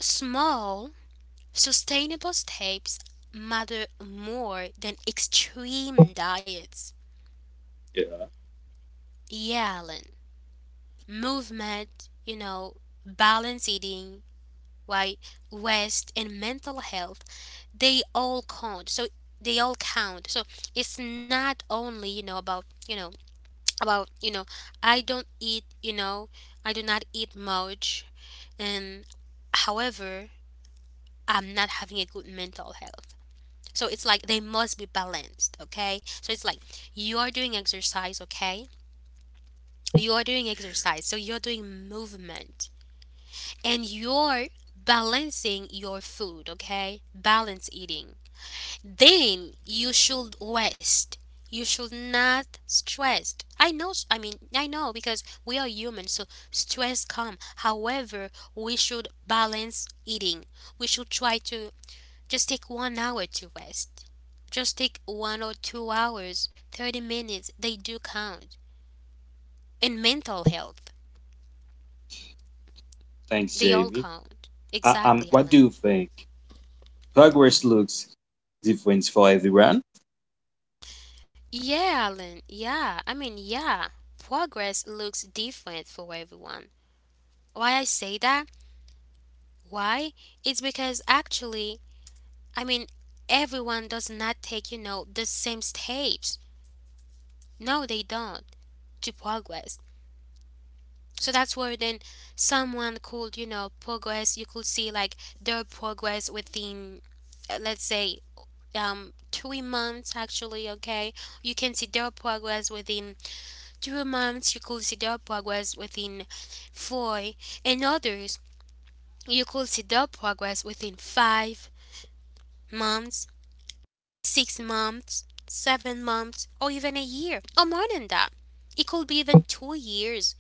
Speaker 1: small sustainable steps matter more than extreme diets,
Speaker 3: Yeah.
Speaker 1: yeah, Alan. Movement, you know, balance eating, right, rest and mental health, they all count. So it's not only about I don't eat, I do not eat much, and, however, I'm not having a good mental health. So it's like they must be balanced, okay? So it's like you are doing exercise okay you are doing exercise, so you're doing movement, and you're balancing your food, okay? Balance eating, then you should rest. You should not stress. I know, s- I mean, I know, because we are human, so stress come. However, we should balance eating. We should try to just take 1 hour to rest. Just take 1 or 2 hours, 30 minutes. They do count. And mental health,
Speaker 3: Thanks,
Speaker 1: they all
Speaker 3: Jamie.
Speaker 1: count. Exactly,
Speaker 3: What do you
Speaker 1: Alan.
Speaker 3: think? Progress looks different for everyone.
Speaker 1: Yeah, Alan. Yeah. Progress looks different for everyone. Why I say that? Why? It's because actually, I mean, everyone does not take, you know, the same steps. No, they don't, to progress. So that's where then someone could, you know, progress. You could see like their progress within, let's say, 3 months actually, okay? You can see their progress within 2 months. You could see their progress within four. And others, you could see their progress within 5 months, 6 months, 7 months, or even a year, or more than that. It could be even 2 years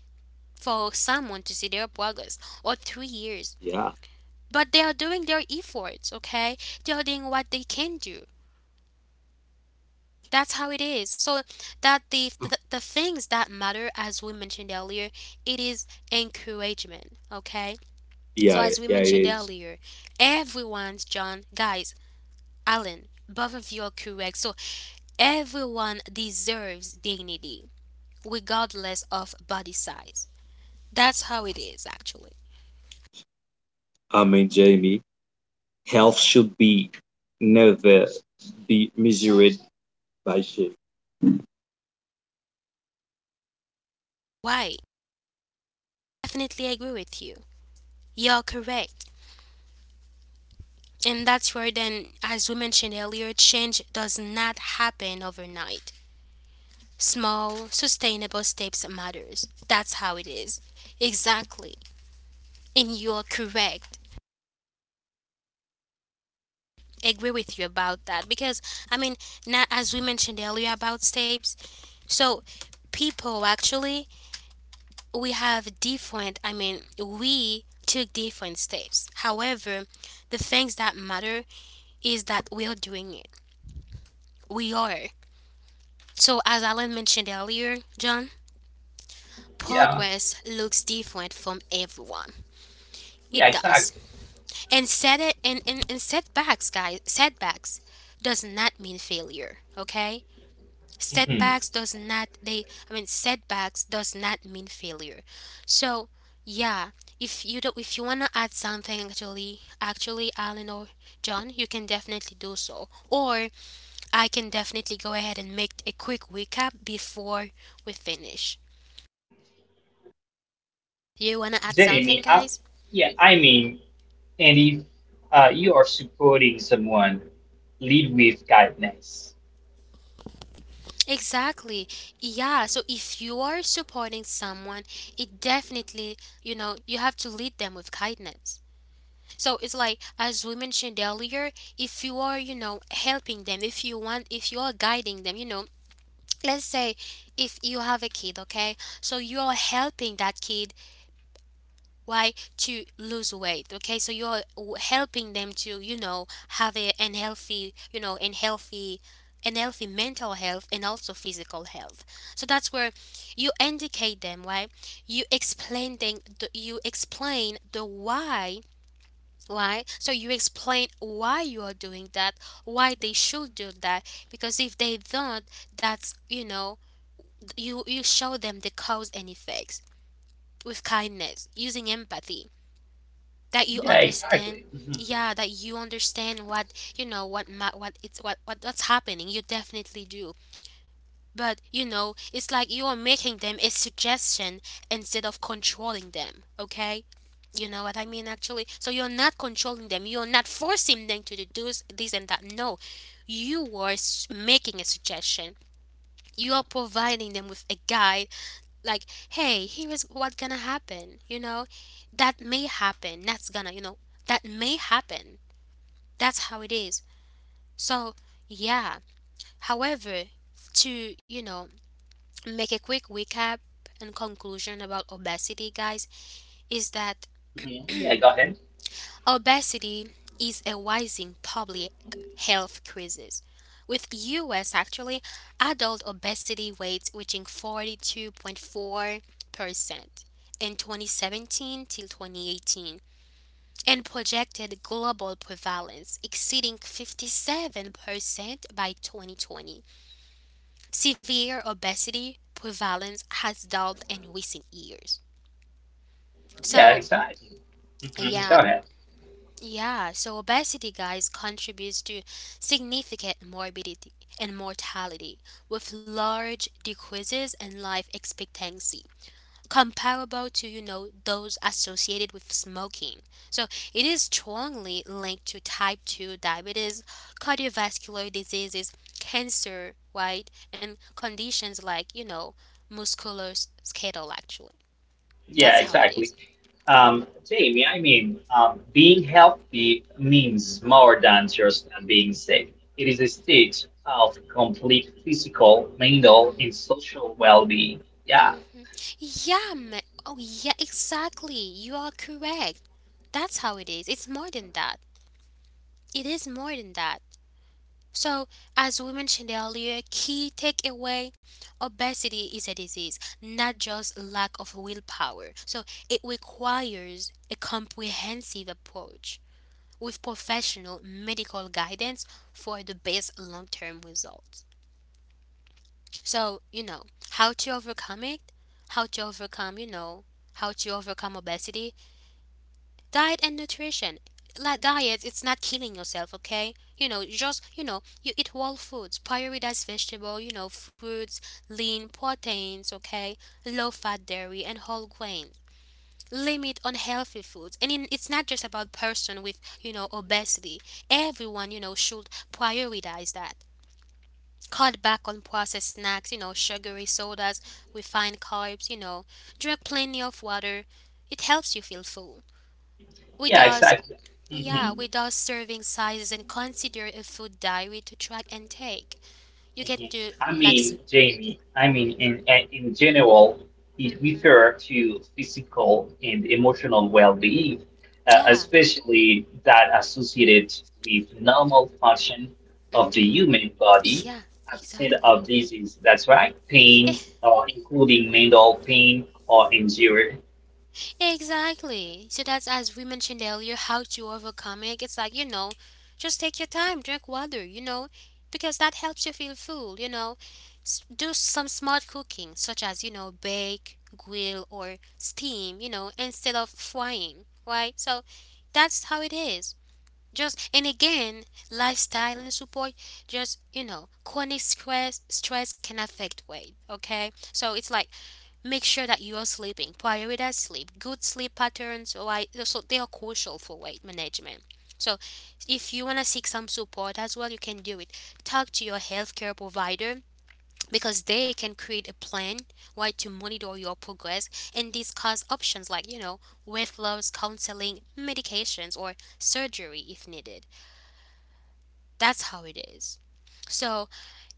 Speaker 1: for someone to see their progress, or 3 years.
Speaker 3: Yeah,
Speaker 1: But they are doing their efforts, okay? They are doing what they can do. That's how it is. So that the things that matter, as we mentioned earlier, it is encouragement, okay? So as we
Speaker 3: yeah, it
Speaker 1: mentioned
Speaker 3: is.
Speaker 1: earlier, everyone's John, guys, Alan, both of you are correct. So everyone deserves dignity, regardless of body size. That's how it is, actually.
Speaker 3: I mean, Jamie, health should be never be measured 白谢。
Speaker 1: Why? Definitely agree with you. You're correct. And that's where, then, as we mentioned earlier, change does not happen overnight. Small, sustainable steps matters. That's how it is. Exactly. And you're correct. Agree with you about that because, I mean, not as we mentioned earlier about steps. So people actually we have different. I mean, we took different steps. However, the things that matter is that we're doing it. We are. So as Alan mentioned earlier, John,
Speaker 2: Yeah,
Speaker 1: progress looks different from everyone.
Speaker 2: yeah,
Speaker 1: It does.
Speaker 2: exactly.
Speaker 1: And setbacks, guys, setbacks does not mean failure. Okay?
Speaker 2: Mhm.
Speaker 1: Setbacks does not mean failure. So, yeah, if you want to add something, actually, Alan or John, you can definitely do so, or I can definitely go ahead and make a quick recap before we finish. You want to add something,
Speaker 2: Jamie,
Speaker 1: guys?
Speaker 2: yeah, I mean, and if you are supporting someone, lead with kindness.
Speaker 1: Exactly. Yeah, so if you are supporting someone, it definitely, you know, you have to lead them with kindness. So it's like, as we mentioned earlier, if you are, you know, helping them, if you are guiding them, you know, let's say if you have a kid, okay? So you are helping that kid why to lose weight, okay? So helping them to, you know, have a an healthy, you know, and healthy mental health and also physical health. So that's where you indicate them, why you explain the why. Right? So you explain why you are doing that, why they should do that, because if they don't, that's, you know, you show them the cause and effects with kindness, using empathy, that you
Speaker 2: Yeah,
Speaker 1: understand.
Speaker 2: exactly. Mhm,
Speaker 1: Yeah, that you understand what you know what ma- what it's what what's happening. You definitely do. But, you know, it's like you are making them a suggestion instead of controlling them, okay? You know what I mean, actually? So you're not controlling them. You're not forcing them to do this, this and that. No, you are making a suggestion. You are providing them with a guide, like, hey, here is what's gonna happen. You know, that may happen. That's gonna, you know, That may happen. That's how it is. So, yeah. However, to, you know, make a quick recap and conclusion about obesity, guys, is that
Speaker 2: mhm. Yeah, go ahead.
Speaker 1: obesity is a rising public health crisis, with US actually adult obesity rates reaching 42.4% in 2017 till 2018 and projected global prevalence exceeding 57% by 2020. Severe obesity prevalence has doubled in recent years.
Speaker 2: Yeah,
Speaker 1: So,
Speaker 2: exactly. Mhm. Go
Speaker 1: yeah.
Speaker 2: ahead.
Speaker 1: Yeah, so obesity, guys, contributes to significant morbidity and mortality with large decreases in life expectancy, comparable to, you know, those associated with smoking. So it is strongly linked to type 2 diabetes, cardiovascular diseases, cancer, right, and conditions like, you know, musculoskeletal actually. That's
Speaker 2: Yeah,
Speaker 1: how it is.
Speaker 2: exactly. Jamie, being healthy means more than just being sick. It is a state of complete physical, mental, and
Speaker 1: Mm-hmm.
Speaker 2: social well-being. Yeah,
Speaker 1: Mm-hmm. Yeah, oh yeah, exactly. You are correct. That's how it is. It's more than that. It is more than that. So, as we mentioned earlier, key takeaway, obesity is a disease, not just lack of willpower. So, it requires a comprehensive approach with professional medical guidance for the best long term results. So, you know, how to overcome it, how to overcome, you know, how to overcome obesity, diet and nutrition. Like diet, it's not killing yourself, okay? You know, you eat whole foods, prioritize vegetable, you know, fruits, lean proteins, okay? Low fat dairy and whole grain. Limit unhealthy foods. And in, it's not just about person with, you know, obesity. Everyone, you know, should prioritize that. Cut back on processed snacks, you know, sugary sodas, refined carbs, you know. Drink plenty of water. It helps you feel full. We
Speaker 2: yeah,
Speaker 1: does,
Speaker 2: exactly.
Speaker 1: yeah, we does serving sizes and consider a food diary to track and take. You can
Speaker 2: Mhm.
Speaker 1: do like,
Speaker 2: Jamie, in general, it
Speaker 1: mm-hmm,
Speaker 2: refers to physical and emotional well-being,
Speaker 1: yeah,
Speaker 2: especially that associated with normal function of the
Speaker 1: mm-hmm,
Speaker 2: human body,
Speaker 1: yeah,
Speaker 2: absent
Speaker 1: exactly.
Speaker 2: of disease. That's right, pain,
Speaker 1: It
Speaker 2: or including mental pain or injury.
Speaker 1: Exactly. So that's as we mentioned earlier, how to overcome it. It's like, you know, just take your time, drink water, you know, because that helps you feel full, you know. Do some smart cooking, such as, you know, bake, grill, or steam, you know, instead of frying, right? So that's how it is. Just, and again, lifestyle and support, just, you know, stress can affect weight, okay? So it's like make sure that you are sleeping. Prioritize sleep. Good sleep patterns, right? So they are crucial for weight management. So if you want to seek some support as well, you can do it. Talk to your healthcare provider, because they can create a plan, right, to monitor your progress and discuss options like, you know, weight loss counseling, medications, or surgery if needed. That's how it is. So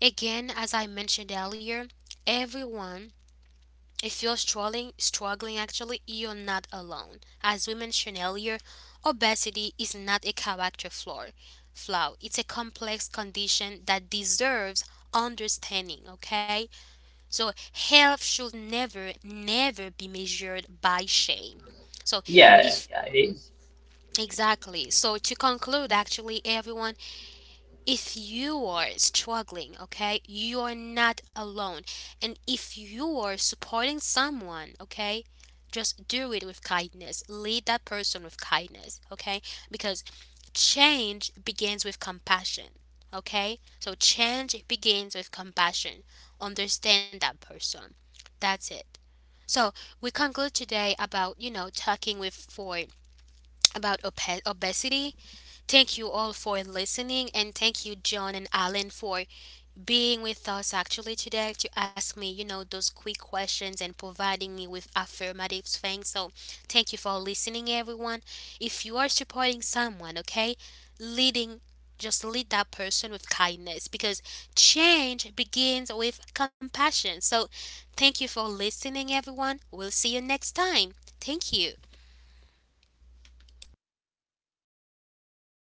Speaker 1: again, as I mentioned earlier, everyone, if you're struggling, struggling actually, you're not alone. As we mentioned earlier, obesity is not a character flaw. Flaw. It's a complex condition that deserves understanding, okay? So health should never be measured by shame. So
Speaker 2: Yeah,
Speaker 1: if
Speaker 2: yeah, it is.
Speaker 1: exactly. So to conclude actually, everyone, if you are struggling, okay, you are not alone. And if you are supporting someone, okay, just do it with kindness. Lead that person with kindness, okay? Because change begins with compassion, okay? So change begins with compassion. Understand that person. That's it. So we conclude today about, you know, talking with for about obesity. Thank you all for listening, and thank you, John and Alan, for being with us actually today to ask me, you know, those quick questions and providing me with affirmative things. So, thank you for listening, everyone. If you are supporting someone, okay, leading, just lead that person with kindness because change begins with compassion. So, thank you for listening, everyone. We'll see you next time. Thank you.